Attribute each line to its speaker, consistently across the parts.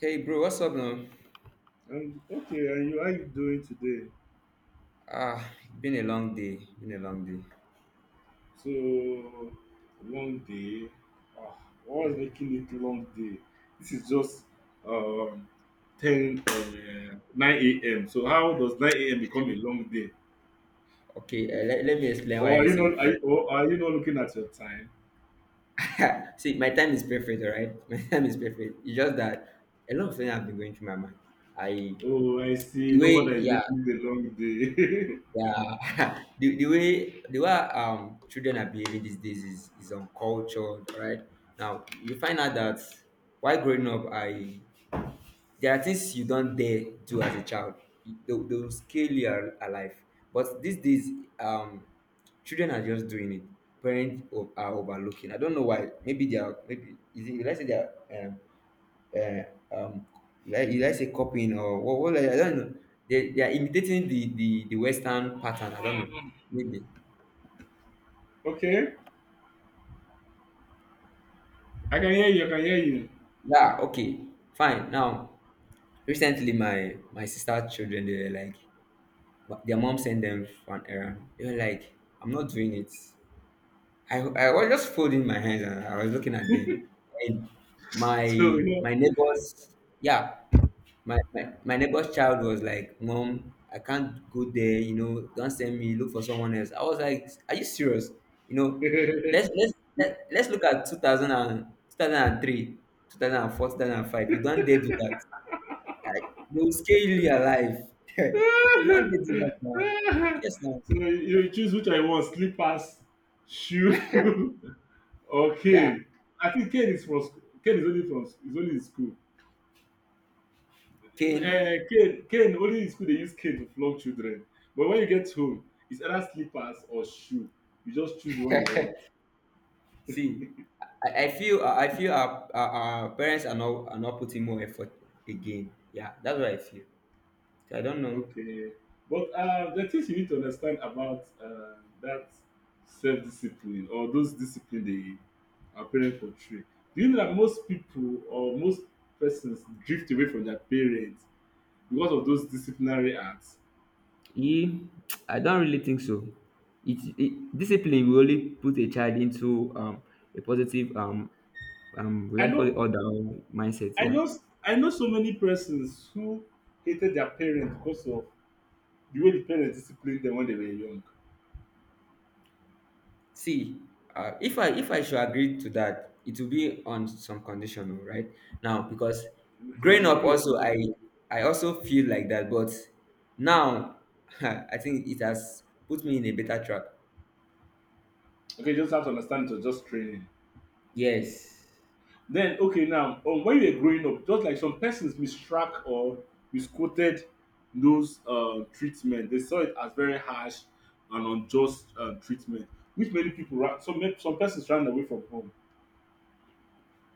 Speaker 1: Hey bro, what's up now?
Speaker 2: And you how you doing today?
Speaker 1: Been a long day. Been a long day.
Speaker 2: So long day. Ah, what was making it long day? This is just um ten nine a.m. So how does nine a.m. become a long day?
Speaker 1: Okay, let me explain why
Speaker 2: Or are
Speaker 1: I
Speaker 2: you
Speaker 1: said
Speaker 2: not are
Speaker 1: it.
Speaker 2: you, or are you not looking at your time?
Speaker 1: See, my time is perfect, all right? My time is perfect. It's just that a lot of things have been going through my mind. I
Speaker 2: Oh, I see. No wonder it's
Speaker 1: yeah,
Speaker 2: making it a long day.
Speaker 1: yeah, the way children are behaving these days is uncultured, all right? Now you find out that while growing up, I there are things you don't dare do as a child. They'll scale you alive. But these days, um, children are just doing it. Parents are overlooking. I don't know why. Maybe they are. Maybe is it? Let's say they are. Uh, um, like let's say copying or what? Like, I don't know. They are imitating the Western pattern. I don't know. Maybe.
Speaker 2: Okay, I can hear you. I can hear you.
Speaker 1: Yeah. Okay. Fine. Now recently my sister children they were like, but their mom sent them for an errand. They were like, I'm not doing it. I was just folding my hands and I was looking at them. And my
Speaker 2: So you
Speaker 1: my neighbor's Yeah, my neighbor's child was like, Mom, I can't go there, don't send me, look for someone else. I was like, are you serious? You know,
Speaker 2: know.
Speaker 1: let's let's let's look at two thousand and two thousand 2004, 2005. You don't dare do that. Like, they will scale you alive. You don't get it back now. Yes, now.
Speaker 2: So you choose which I want, slippers, shoe, or
Speaker 1: Yeah.
Speaker 2: cane. I think cane is from cane is only from is only in school.
Speaker 1: Pain.
Speaker 2: Cane only in school, they use cane to flog children. But when you get home, it's either slippers or shoe. You just choose what you want.
Speaker 1: See, I feel our parents are not putting more effort again. Yeah, that's what I feel. So I don't know.
Speaker 2: Okay, but the things you need to understand about that self-discipline or those discipline they our parents portray. Do you know that most people or most persons drift away from their parents because of those disciplinary acts?
Speaker 1: E, I don't really think so. It Discipline will only put a child into a positive we
Speaker 2: I
Speaker 1: I call it
Speaker 2: know,
Speaker 1: order or mindset.
Speaker 2: I
Speaker 1: Yeah,
Speaker 2: know, I know so many persons who hated their parents because of the way the parents disciplined them when they were young.
Speaker 1: see, if I should agree to that, it will be on some condition, oh, right? Now, because growing
Speaker 2: Okay, give
Speaker 1: up
Speaker 2: me.
Speaker 1: also
Speaker 2: A,
Speaker 1: I also feel like that, but now I think it has put me in a better track.
Speaker 2: okay, you just have to understand it was just training.
Speaker 1: Yes.
Speaker 2: Then, okay, now, when you were growing up, just like some persons mistruck or misquoted those treatment, they saw it as very harsh and unjust treatment, which many people, some persons ran away from home.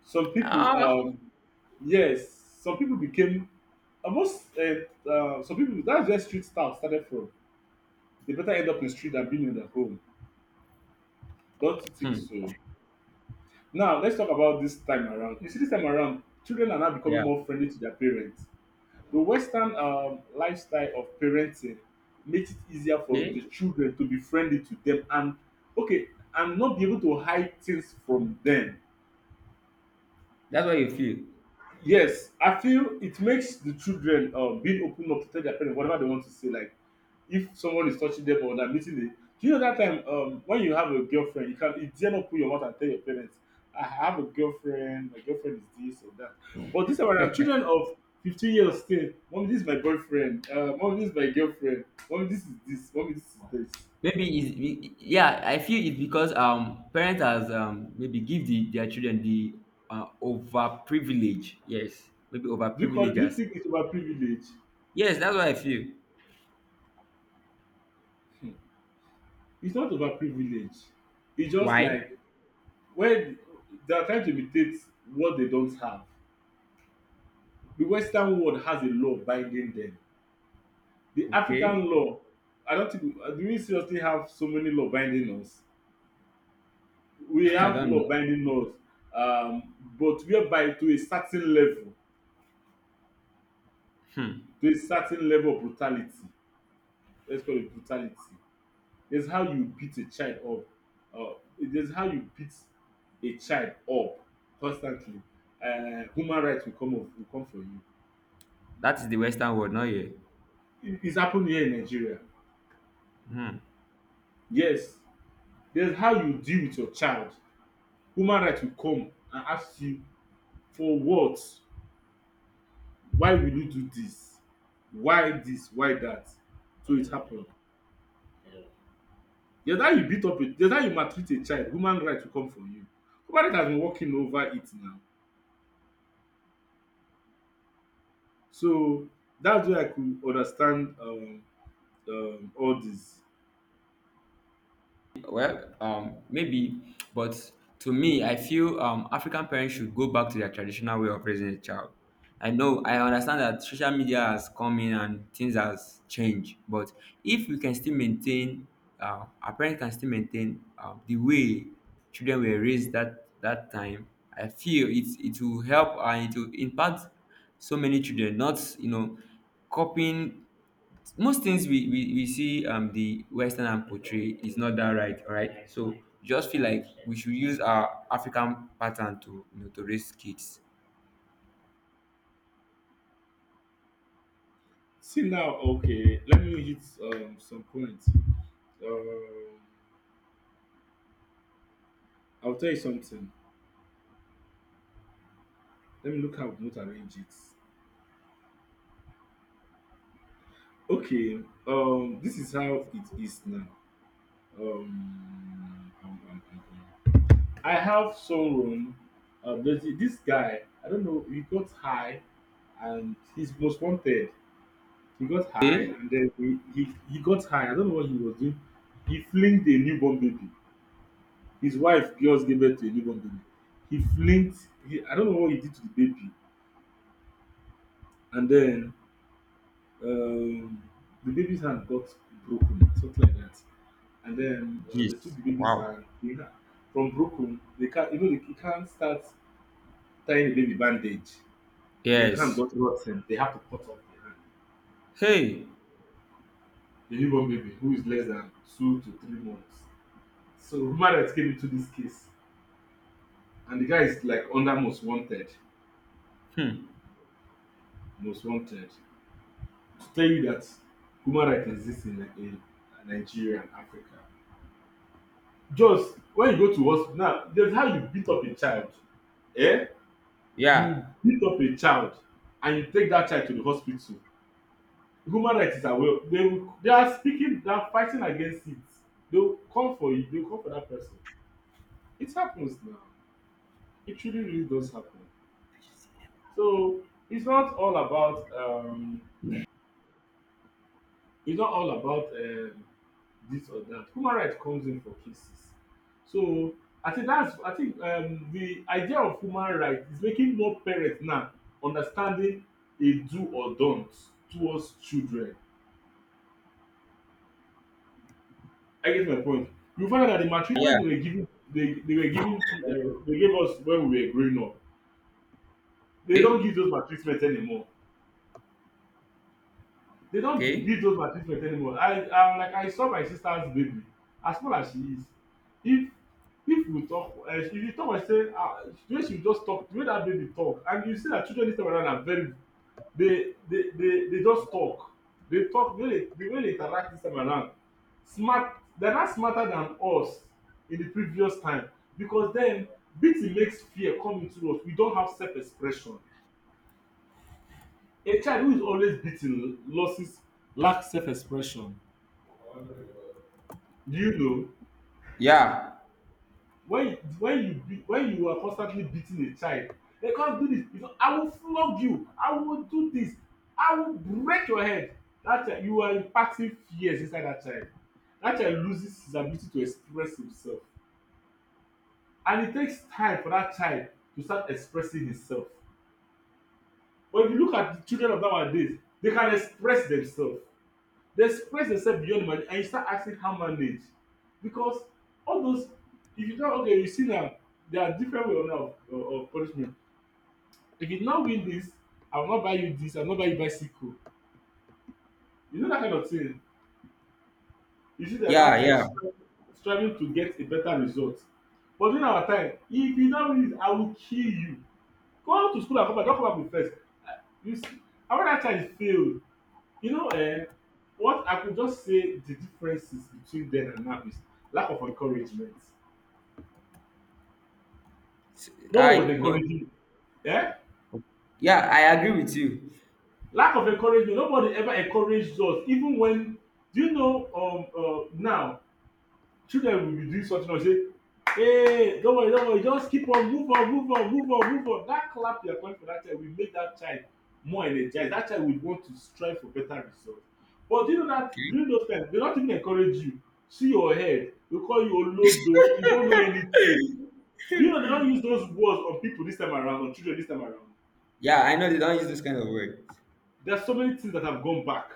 Speaker 2: Some people,
Speaker 1: Ah.
Speaker 2: yes, some people became almost some people. That's where street staff started from. They better end up in street than being in their home. Don't you think
Speaker 1: Hmm.
Speaker 2: so? Now let's talk about this time around. You see, this time around, children are now becoming
Speaker 1: Yeah.
Speaker 2: more friendly to their parents. The Western lifestyle of parenting makes it easier for the
Speaker 1: Okay.
Speaker 2: children to be friendly to them, and okay, and not be able to hide things from them.
Speaker 1: That's what you feel.
Speaker 2: Yes, I feel it makes the children being open up to tell their parents whatever they want to say. Like if someone is touching them or they're meeting them. Do you know that time when you have a girlfriend, you can you dare not put your mouth and tell your parents, I have a girlfriend, my girlfriend is this or that. But this time around, children of 15 years still, mommy, this is my boyfriend, mommy, this is my girlfriend, mommy, this is this, mommy, this is this.
Speaker 1: Yeah. I feel it's because parents has maybe give their children the over privilege. Yes. Maybe over
Speaker 2: Do you
Speaker 1: privileges.
Speaker 2: think it's about privilege?
Speaker 1: Yes. That's what I feel.
Speaker 2: It's not about privilege. It's just
Speaker 1: Why?
Speaker 2: like when they are trying to imitate what they don't have. The Western world has a law binding them. The
Speaker 1: Okay.
Speaker 2: African law, I don't think do we seriously have so many law binding us. We
Speaker 1: I
Speaker 2: have
Speaker 1: don't
Speaker 2: law
Speaker 1: know.
Speaker 2: binding us, but whereby to a certain level,
Speaker 1: Hmm.
Speaker 2: to a certain level of brutality. Let's call it brutality. There's how you beat a child up. Uh, there's how you beat a child up constantly. Human rights will come up, will come for you.
Speaker 1: That is the Western world, not here.
Speaker 2: It's happened here in Nigeria.
Speaker 1: Hmm.
Speaker 2: Yes, there's how you deal with your child. Human right will come and ask you for what? Why will you do this? Why this? Why that? So it happened. There's how you beat up a there's how you maltreat a child, human right will come for you. Human right has been working over it now. So that's where I could understand all this.
Speaker 1: Well, maybe, but to me, I feel African parents should go back to their traditional way of raising a child. I know, I understand that social media has come in and things has changed, but if we can still maintain, our parents can still maintain the way children were raised that time. I feel it will help and it will impact so many children. Not you know, Copying most things we see the Western and portray is not that right, all right? So just feel like we should use our African pattern to to raise kids.
Speaker 2: See now, okay, let me hit some points. Um, I'll tell you something. Let me look how we not arrange it. Okay, this is how it is now. Um, um, um, um, um. I have someone, this guy, I don't know, he got high and he's most wanted. He got high
Speaker 1: Hey,
Speaker 2: and then he got high. I don't know what he was doing. He flinged a newborn baby. His wife just gave birth to a newborn baby. I don't know what he did to the baby. And then um, the baby's hand got broken, something like that. And then they took
Speaker 1: yes.
Speaker 2: the babies
Speaker 1: Wow.
Speaker 2: and from broken they can't, you know, you can't start tying the baby bandage. The hand
Speaker 1: Yes.
Speaker 2: got rotten, they have to cut off the hand.
Speaker 1: Hey.
Speaker 2: The newborn baby who is less than 2 to 3 months. So human came into this case and the guy is like under most wanted.
Speaker 1: Hmm.
Speaker 2: Most wanted, to tell you that human rights exist in Nigeria and Africa. Just when you go to hospital now, there's how you beat up a child, eh, you
Speaker 1: Yeah,
Speaker 2: beat up a child and you take that child to the hospital, human rights is aware, they will, they are speaking, they are fighting against it. They will come for you, they will come for that person. It happens now, it truly really does happen. So it's not all about it's not all about this or that. Human right comes in for cases. So I think that's I think the idea of human right is making more parents now understanding a do or don't towards children. I get my point. You find out that the maltreatment
Speaker 1: yeah.
Speaker 2: they were giving, they gave us when we were growing up. They don't
Speaker 1: Okay.
Speaker 2: give those maltreatment anymore. They don't
Speaker 1: Okay.
Speaker 2: give those my treatment anymore. I saw my sister's baby, as small as she is, if if we talk, if you talk like say ah, the way she just talk, the way that baby talk, and you see that children this time around are very, they just talk. They talk the way they interact this time around, smart. They are not smarter than us in the previous time. Because then beating makes fear come into us, we don have self expression. A child who is always beating loses, lack self expression. Do you know
Speaker 1: Yeah,
Speaker 2: when you beat, when you are constantly beating a child, they come do this, you know, I will flog you, I will do this, I will break your head. That child, you are imparting fears inside that child. That child loses his ability to express himself, and it takes time for that child to start expressing himself. But if you look at the children of nowadays, they can express themselves. They express themselves beyond money, and you start asking how manage. Because all those, if you tell, okay, you see now, there are different way now of, punishment. If you no win this, I will not buy you this, I will not buy you bicycle, you know, that kind of thing. You see that
Speaker 1: yeah,
Speaker 2: that child
Speaker 1: yeah.
Speaker 2: striving to get a better result. But during our time, if you no win this, I will kill you. Go to school and come back. Don't come back with first. Uh, You see, and when that child failed, you know, eh, what I could just say the differences between then and now is lack of encouragement.
Speaker 1: S-
Speaker 2: No one
Speaker 1: I
Speaker 2: was
Speaker 1: no.
Speaker 2: encouraging. Yeah,
Speaker 1: Yeah, I agree with you.
Speaker 2: lack of encouragement. Nobody ever encouraged us, even when, do you know, now, children will be doing something like say, hey don't worry don't worry, just keep on, move on. That clap you are clapping for that child will make that child more energized. That child will want to strive for better result. But during that,
Speaker 1: Okay.
Speaker 2: during those times, they don't even encourage you. See your head, they call you olodo, you don't know anything. Do you know they don't use those words on people this time around, on children this time around.
Speaker 1: Yeah, I know they don't use this kind of word.
Speaker 2: There are so many things that have gone back.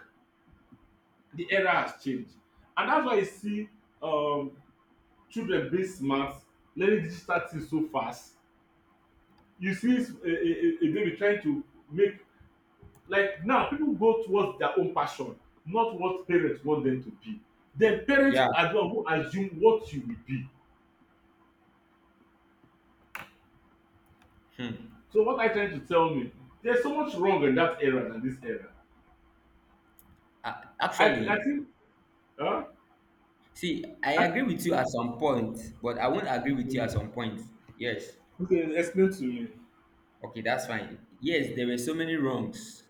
Speaker 2: The era has changed. And that's why you see um, children being smart, learning digital things so fast. You see a baby trying to make, like now people go towards their own passion, not what parents want them to be. Then parents
Speaker 1: Yeah,
Speaker 2: are the one who assume what you will be. So what are you trying to tell me? There's so much wrong in that era than this era.
Speaker 1: uh,
Speaker 2: I i
Speaker 1: actually.
Speaker 2: think, huh?
Speaker 1: See, I
Speaker 2: I,
Speaker 1: agree with you at some point, but I won't agree with you
Speaker 2: okay.
Speaker 1: at some point. Yes.
Speaker 2: Okay, explain to me.
Speaker 1: Okay, that's fine. Yes, there were so many wrongs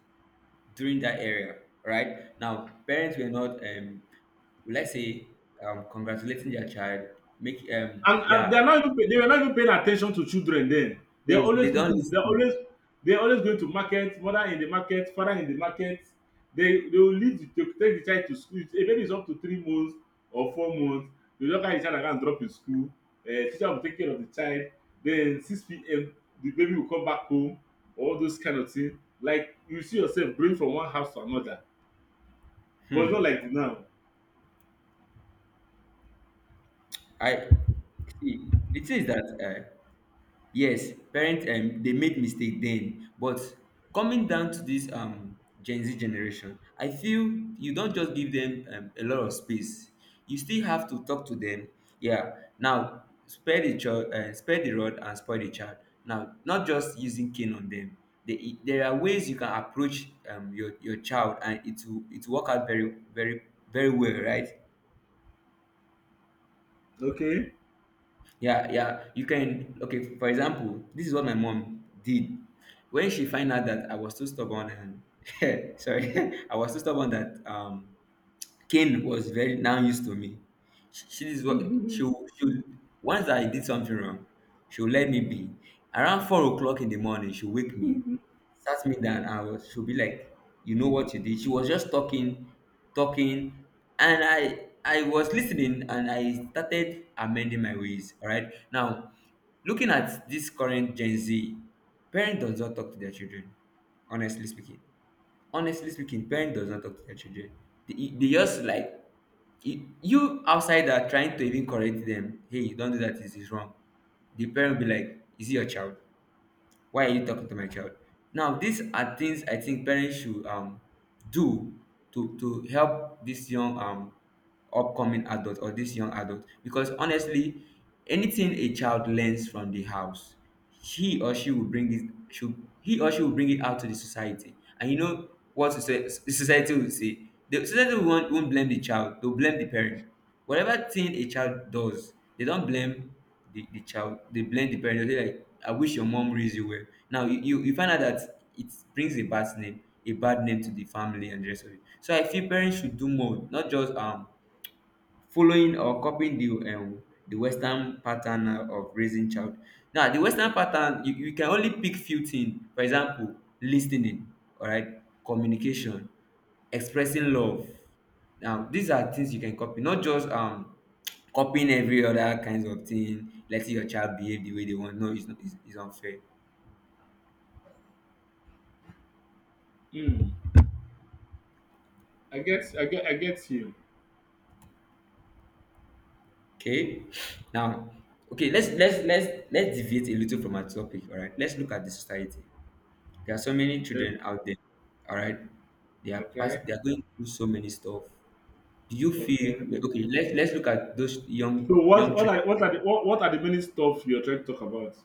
Speaker 1: during that era, right? Now, parents were not, let's say, congratulating their child.
Speaker 2: And they
Speaker 1: Yeah,
Speaker 2: are not even paying attention to children then. they are
Speaker 1: yes, they
Speaker 2: always
Speaker 1: don't
Speaker 2: looking they are
Speaker 1: listen.
Speaker 2: always they are always going to market, mother in the market, father in the market. They will take the child to school. If a baby is up to 3 months or 4 months, they will just carry the child and go and drop in school. Teacher will take care of the child. Then 6 p.m. the baby will come back home. All those kind of thing, like you see yourself going from one house to another. But it's not
Speaker 1: Hmm.
Speaker 2: like now.
Speaker 1: I see. The thing is that, uh, yes, parents, they made mistake then, but coming down to this Gen Z generation, I feel you don't just give them a lot of space. You still have to talk to them. Yeah. Now spare the rod and spoil the child. Now not just using cane on them. There are ways you can approach, your child, and it will work out very, very, very well, right?
Speaker 2: Okay.
Speaker 1: Yeah, yeah. You can Okay, for example, this is what my mom did. When she find out that I was too stubborn and sorry, I was too stubborn that Kane was very now used to me. She is what she will- Once I did something wrong, she'll let me be. Around 4 o'clock in the morning, she'll wake me, sat me down, and she'll be like, "You know what you did." She was just talking, talking, and I was listening, and I started amending my ways. All right, now looking at this current Gen Z, parents does not talk to their children. Honestly speaking, Honestly speaking, parents does not talk to their children. They just like, you outside are trying to even correct them. Hey, don't do that, this is wrong. The parent will be like, is it your child? Why are you talking to my child? Now these are things I think parents should do to help this young, upcoming adult or this young adult. Because honestly, anything a child learns from the house, he or she will bring it should he or she will bring it out to the society, and you know what, the society will say, the society won't blame the child, they'll blame the parent. Whatever thing a child does, they don't blame the child, they blame the parents. They like, I wish your mom raised you well. Now you find out that it brings a bad name, a bad name to the family and the rest of it. So I feel parents should do more, not just following or copying the Western pattern of raising child. Now the Western pattern, you can only pick few things. For example, listening, alright, communication, expressing love. Now these are things you can copy, not just copying every other kinds of thing, letting your child behave the way they want. No, it's not it's unfair.
Speaker 2: Mm. I get you.
Speaker 1: Okay, now, okay, let's deviate a little from our topic, all right? Let's look at the society. There are so many
Speaker 2: Okay.
Speaker 1: children out there. All right, they are pass.
Speaker 2: Okay.
Speaker 1: They are going through so many stuff. Do you
Speaker 2: Okay.
Speaker 1: feel okay? Let's look at those young,
Speaker 2: So
Speaker 1: young children.
Speaker 2: what are the many stuff you're trying to talk about?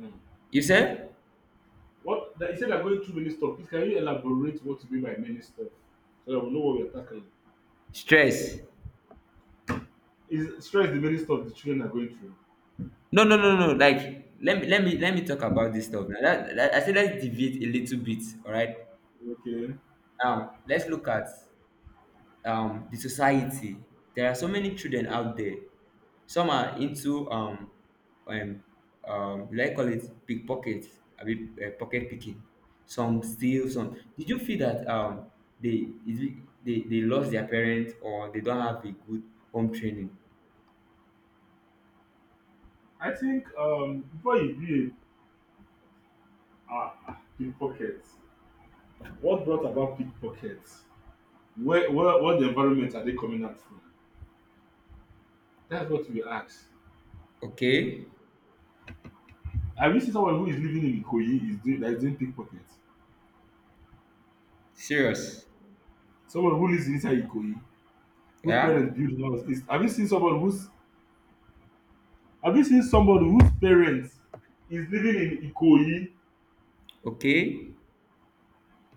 Speaker 2: Mm.
Speaker 1: You said
Speaker 2: What that you said are going through many stuff. Please, can you elaborate what you mean by many stuff, so that we know what we're tackling?
Speaker 1: stress.
Speaker 2: Is stress the many stuff the children are going through?
Speaker 1: No, no, no, no. Like, let me talk about this stuff. Now, I said let's deviate a little bit. All right.
Speaker 2: Okay.
Speaker 1: Now let's look at the society. There are so many children out there. Some are into, um will call it pickpocket, abi pocket picking. Some steal. Some, did you feel that, they is it they lost their parents, or they don't have a good home training?
Speaker 2: I think, before you be a pickpocket, what brought about pickpockets? Where, what the environment are they coming out from? That's what we ask.
Speaker 1: Okay.
Speaker 2: Have you seen someone who is living in Ikoyi is doing that, is doing pickpocket?
Speaker 1: Serious.
Speaker 2: Someone who lives inside Ikoyi, whose
Speaker 1: Yeah.
Speaker 2: parents build house, is— have you seen someone whose— have you seen somebody whose parents is living in Ikoyi,
Speaker 1: Okay.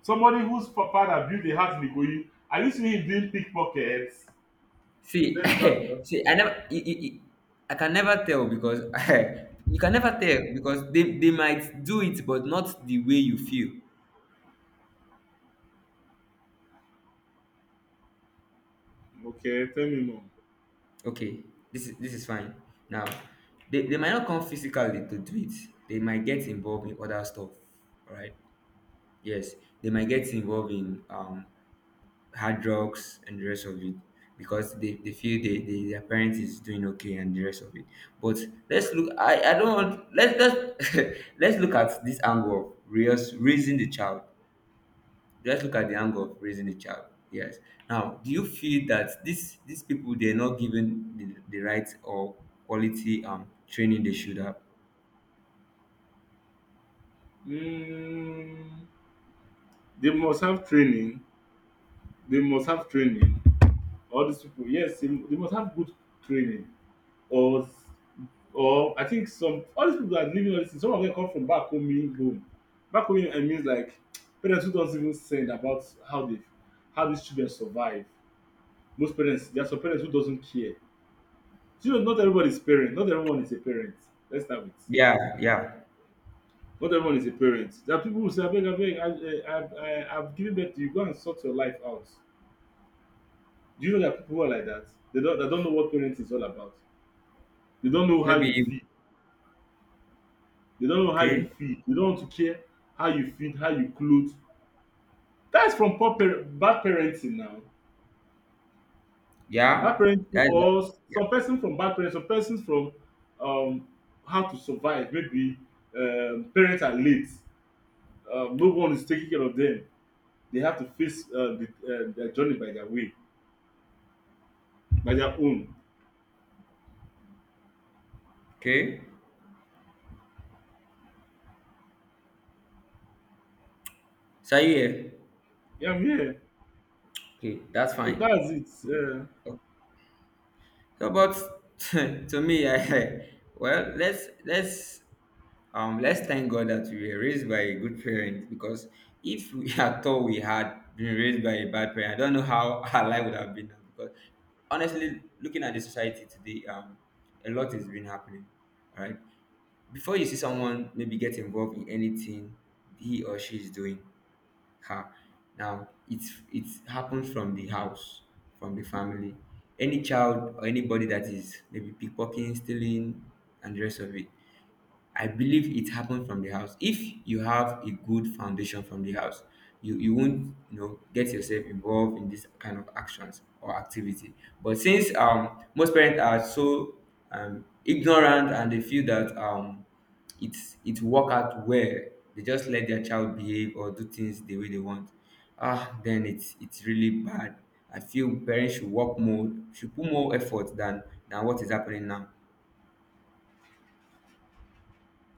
Speaker 2: somebody whose father built a house in Ikoyi, have you seen him doing pickpockets?
Speaker 1: See,
Speaker 2: Let's start with that.
Speaker 1: see, I never, I can never tell because you can never tell, because they might do it, but not the way you feel.
Speaker 2: Okay, tell me more.
Speaker 1: Okay, this is fine. Now, they might not come physically to do it. They might get involved in other stuff. All right. Yes, they might get involved in hard drugs and the rest of it, because they feel, they their parent is doing okay and the rest of it. But let's look I don't want, let's let's look at this angle of raising the child. Let's look at the angle of raising the child. Yes. Now do you feel that these people, they're not given the right or quality training they should have?
Speaker 2: Mm, they must have training. They must have training. All these people, yes, they must have good training. Or or I think some— all these people that are living all this thing, some of them come from back home, meaning home. Back home I mean, like, parents who don't even send about how they— how these children survive. Most parents— there are some parents who doesn't care. You know, not everybody is parent, not everyone is a parent. Let's start with—
Speaker 1: Yeah, yeah.
Speaker 2: not everyone is a parent. There are people who say, abeg, abeg, I've given birth to you. Go and sort your life out. Do you know there are people who are like that? They don't know what parenting is all about. They don't know how you
Speaker 1: Maybe.
Speaker 2: feel. They don't know how you
Speaker 1: Okay.
Speaker 2: feed. They don't want to care how you feed, how you clothe. That's from poor parent, bad parenting now. Bad
Speaker 1: Yeah,
Speaker 2: parenting,
Speaker 1: that's that.
Speaker 2: or
Speaker 1: Yeah.
Speaker 2: some person from bad parents, some persons from um, how to survive. Maybe, parents are late. No one is taking care of them. They have to face their journey by their way, by their own.
Speaker 1: Okay, so are you here?
Speaker 2: Yeah, I'm here.
Speaker 1: Okay, that's
Speaker 2: So
Speaker 1: fine.
Speaker 2: that's it. Yeah.
Speaker 1: So, but to me, I well, let's thank God that we were raised by a good parent, because if we at all we had been raised by a bad parent, I don't know how our life would have been now. Because honestly, looking at the society today, a lot has been happening. All right, before you see someone maybe get involved in anything he or she is doing. Ha. Now it's happened from the house, from the family. Any child or anybody that is maybe pickpocketing, stealing, and the rest of it. I believe it happened from the house. If you have a good foundation from the house, you won't get yourself involved in this kind of actions or activity. But since most parents are so ignorant, and they feel that it work out well, they just let their child behave or do things the way they want. Then it's really bad. I feel parents should work more, should put more effort than what is happening now.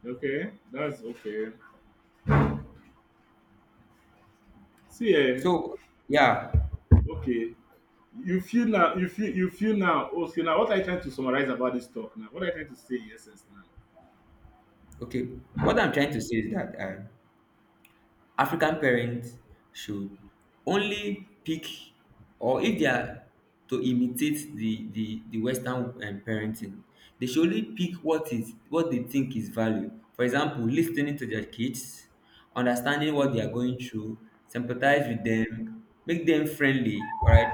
Speaker 2: Okay, that's okay. See, eh,
Speaker 1: So yeah.
Speaker 2: okay. You feel now, you feel now, okay. Now, what are you trying to summarize about this talk now? What are you trying to say in essence now?
Speaker 1: Okay, what I'm trying to say is that African parents should only pick, or if they are to imitate the Western parenting, they should only pick what is what they think is value. For example, listening to their kids, understanding what they are going through, sympathize with them, make them friendly. All right.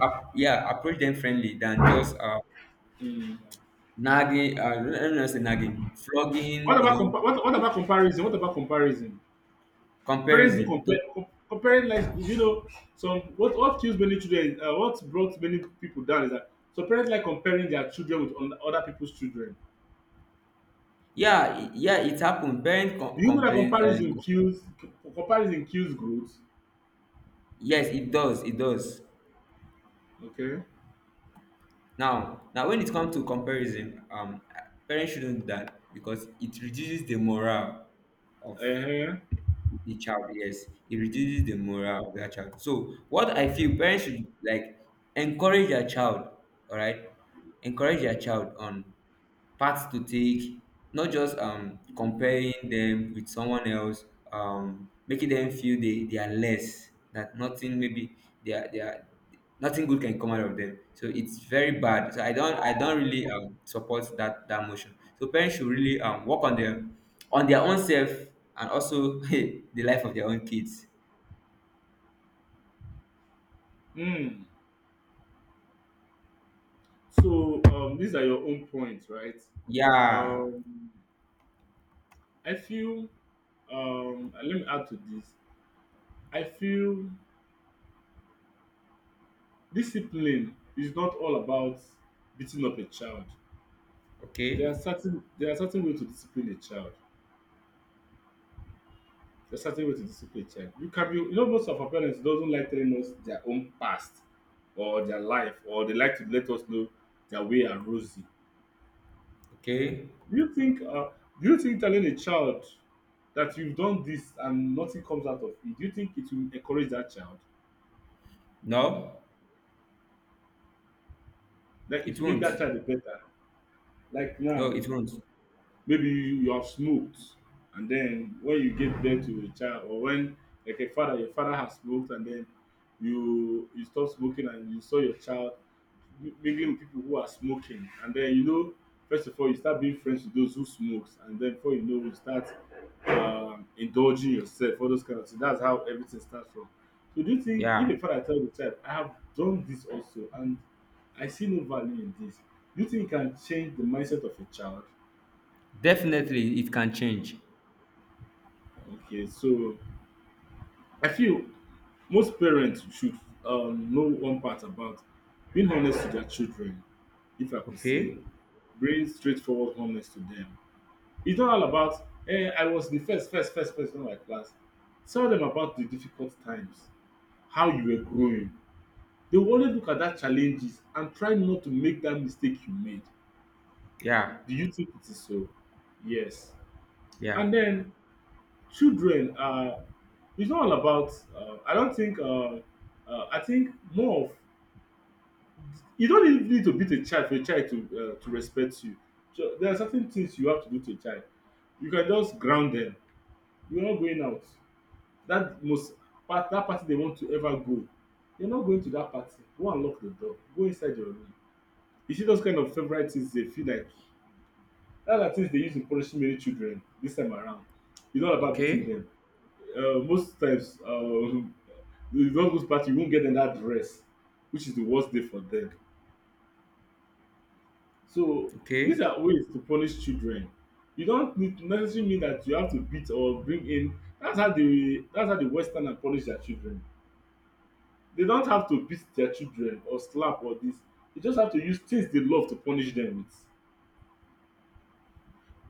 Speaker 1: Approach them friendly than just
Speaker 2: Mm.
Speaker 1: nagging. Let me not say nagging, flogging.
Speaker 2: What
Speaker 1: You
Speaker 2: about
Speaker 1: know,
Speaker 2: compa- what about comparison? What about comparison? Parents do
Speaker 1: comparison.
Speaker 2: comparing, like, you know, some— what kills many children what brought many people down is that so parents like comparing their children with other people's children.
Speaker 1: Yeah, yeah, it happened. Parent
Speaker 2: Do you know that
Speaker 1: complain. Co-
Speaker 2: comparison kills growth?
Speaker 1: yes, it does. It does.
Speaker 2: Okay.
Speaker 1: Now, when it comes to comparison, parents shouldn't do that because it reduces the morale of
Speaker 2: Uh-huh.
Speaker 1: the child. Yes, it reduces the morale of that child. So what I feel parents should like encourage their child, all right, encourage their child on paths to take, not just comparing them with someone else, making them feel they are less, that nothing, maybe they are nothing good can come out of them. So it's very bad. So I don't really support that motion. So parents should really work on them, on their own self, and also hey, the life of their own kids.
Speaker 2: Mm. So these are your own points, right?
Speaker 1: Yeah.
Speaker 2: Um, I feel— and let me add to this. I feel discipline is not all about beating up a child. There are
Speaker 1: Okay.
Speaker 2: certain there are certain way to discipline a child. There are certain way to discipline a child. You can be, you know, most of our parents doesn't like telling us their own past or their life, or they like to let us know their way and rosy.
Speaker 1: Okay.
Speaker 2: Do you think uh do you think telling a child that you've done this and nothing comes out of it, do you think it will encourage that child?
Speaker 1: No,
Speaker 2: Like it
Speaker 1: it
Speaker 2: will make
Speaker 1: won't.
Speaker 2: that child a better? Like
Speaker 1: No,
Speaker 2: now,
Speaker 1: it won't.
Speaker 2: maybe you have smoked and then when you give birth to a child or when— like a father, your father has smoked and then you stop smoking and you saw your child mingling with people who are smoking, and then you know, first of all, you start being friends with those who smokes, and then before you know you start indulging yourself, all those kind of things. That's how everything starts from. So do you think
Speaker 1: Yeah.
Speaker 2: if a father tell the child, I have done this also and I see no value in this, do you think it can change the mindset of a child?
Speaker 1: Definitely it can change.
Speaker 2: Okay, so I feel most parents should know one part about being honest to their children, if I could say,
Speaker 1: Okay.
Speaker 2: bring straightforward honest to them. It's not all about, eh, I was the first person in my class. Tell them about the difficult times, how you were growing. They will only look at that challenges and try not to make that mistake you made.
Speaker 1: Yeah.
Speaker 2: Do you think it is so? Yes.
Speaker 1: Yeah.
Speaker 2: And then children are— it's not all about— I don't think— I think more of— you don't even need to beat a child for a child to respect you. So there are certain things you have to do to a child. You can just ground them. You're not going out. That— most part— that party they want to ever go. You're not going to that party. Go and lock the door. Go inside your room. You see those kind of favorite things they feel like, that are things they use in punishing many children this time around. It's not about beating
Speaker 1: Okay.
Speaker 2: them. Most times, you don't go to party, you won't get them that dress, which is the worst day for them. So
Speaker 1: Okay.
Speaker 2: these are ways to punish children. You don't need to necessarily mean that you have to beat or bring in. That's how the westerner punish their children. They don't have to beat their children or slap or this. You just have to use things they love to punish them with.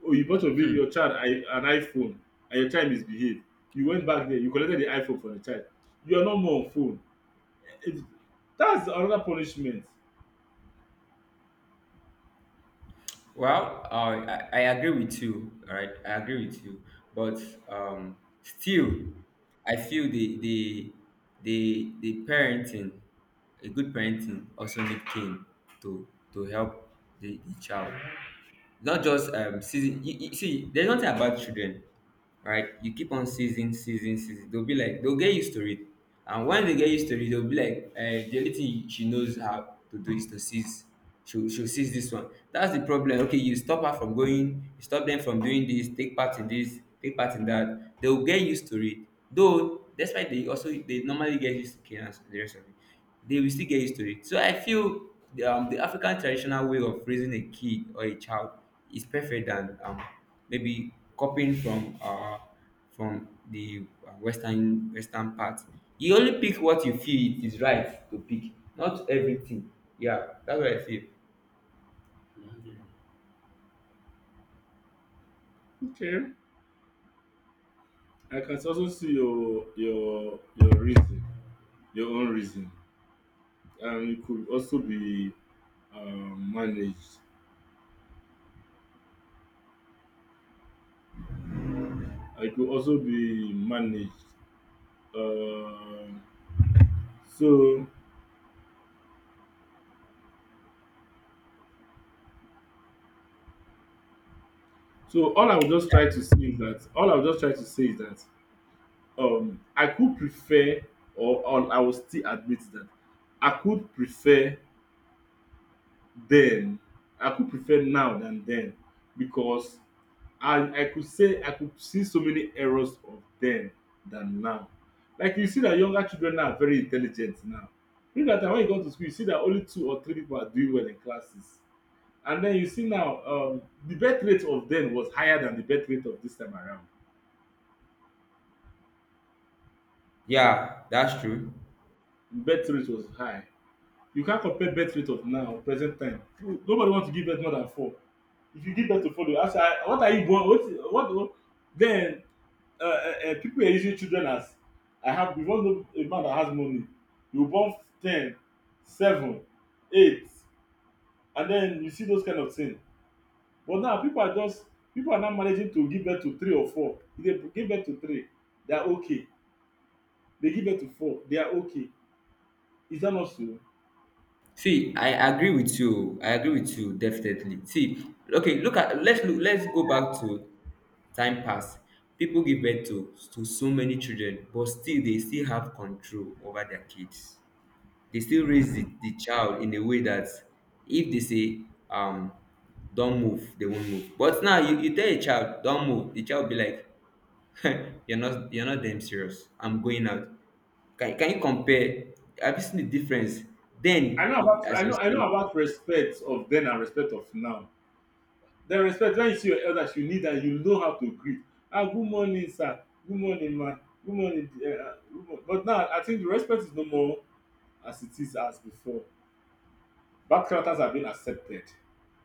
Speaker 2: Oh, you bought your
Speaker 1: Hmm.
Speaker 2: baby— your child— an iPhone, and your child misbehave, you went back there, you collected the iPhone for the child. You are not more on phone. It— that's another punishment.
Speaker 1: Well, I agree with you. All right, I agree with you. But still, I feel the parenting, a good parenting, also need cane to to help the child. Not just season. You see, there's nothing about children, right? You keep on season, season, season. They'll be like they'll get used to it, and when they get used to it, they'll be like, the only thing she knows how to do is to seize. She'll seize this one. That's the problem. Okay, you stop her from going. You stop them from doing this. Take part in this. Take part in that. They'll get used to it. Though, despite they also they normally get used to chaos and the rest of it, they will still get used to it. So I feel the African traditional way of raising a kid or a child is perfect than maybe copying from the Western Western part. You only pick what you feel it is right to pick, not everything. Yeah, that's what I feel.
Speaker 2: Okay. I can also see your reason, your own reason. And it could also be managed. I could also be managed. Um, so so all I would just try to say is that, all I would just try to say is that I could prefer— or I will still admit that I could prefer then. I could prefer now than then, because— and I could say I could see so many errors of then than now. Like you see that younger children now are very intelligent now. During that time when you go to school, you see that only two or three people are doing well in classes. And then you see now the birth rate of then was higher than the birth rate of this time around.
Speaker 1: Yeah, that's true.
Speaker 2: The birth rate was high. You can't compare birth rate of now, present time. Nobody wants to give birth more than four. If you give birth to four, they ask, "Ah, what are you born? What, what?" Then people were using children as— I have— you wan know a man that has money, you born 10, 7, 8 and then you see those kind of thing. But now people are just— people are now managing to give birth to three or four. If they give birth to three, they are okay. They give birth to four, they are okay. Is that not so?
Speaker 1: See, I agree with you. I agree with you definitely. See, okay, look at let's look let's go back to time past. People give birth to so many children, but still they still have control over their kids. They still raise the child in a way that if they say don't move, they won't move. But now you tell a child don't move, the child be like you're not damn serious. I'm going out. Can you compare? Have you seen the difference?
Speaker 2: i
Speaker 1: Then,
Speaker 2: know
Speaker 1: you,
Speaker 2: about
Speaker 1: as
Speaker 2: i know i know
Speaker 1: you
Speaker 2: about respect of then and respect of now. Den respect, when you see your elders, you need am, you know how to greet. Ah, good morning sir, good morning ma, good morning. But now I think the respect is no more as it is as before. Backslappers have been accepted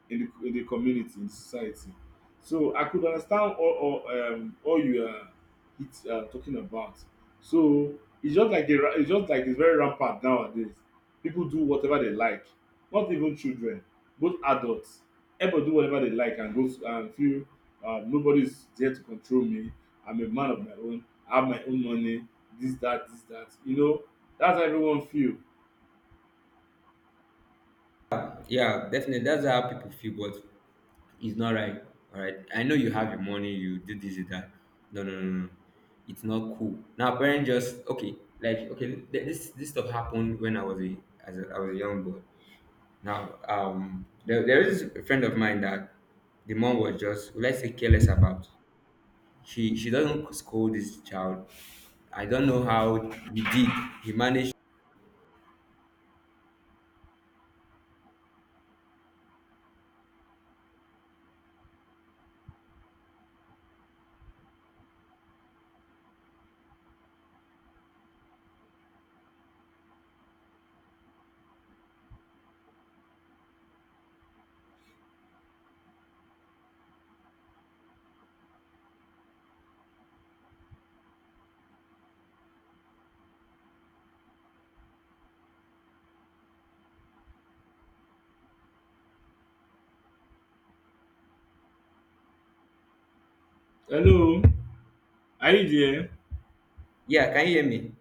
Speaker 2: in the community, in society. So I could understand all, all— you are— it's, talking about. So it's just like it's just like it's very rampant nowadays. People do whatever they like, not even children, both adults. Everybody do whatever they like and go and feel nobody's there to control me. I'm a man of my own. I have my own money. This that this that. You know that's how everyone feel.
Speaker 1: say, yeah, definitely. That's how people feel, but it's not right. All right. I know you have your money, you do this, you that. No, no, no, no, no. It's not cool. Now, parents just okay, like okay. This this stuff happened when I was a I was a young boy. Now, there is a friend of mine that the mom was just let's say careless about. She doesn't scold this child. I don't know how he did. He managed.
Speaker 2: Hello, are you there?
Speaker 1: Yeah, can you hear me?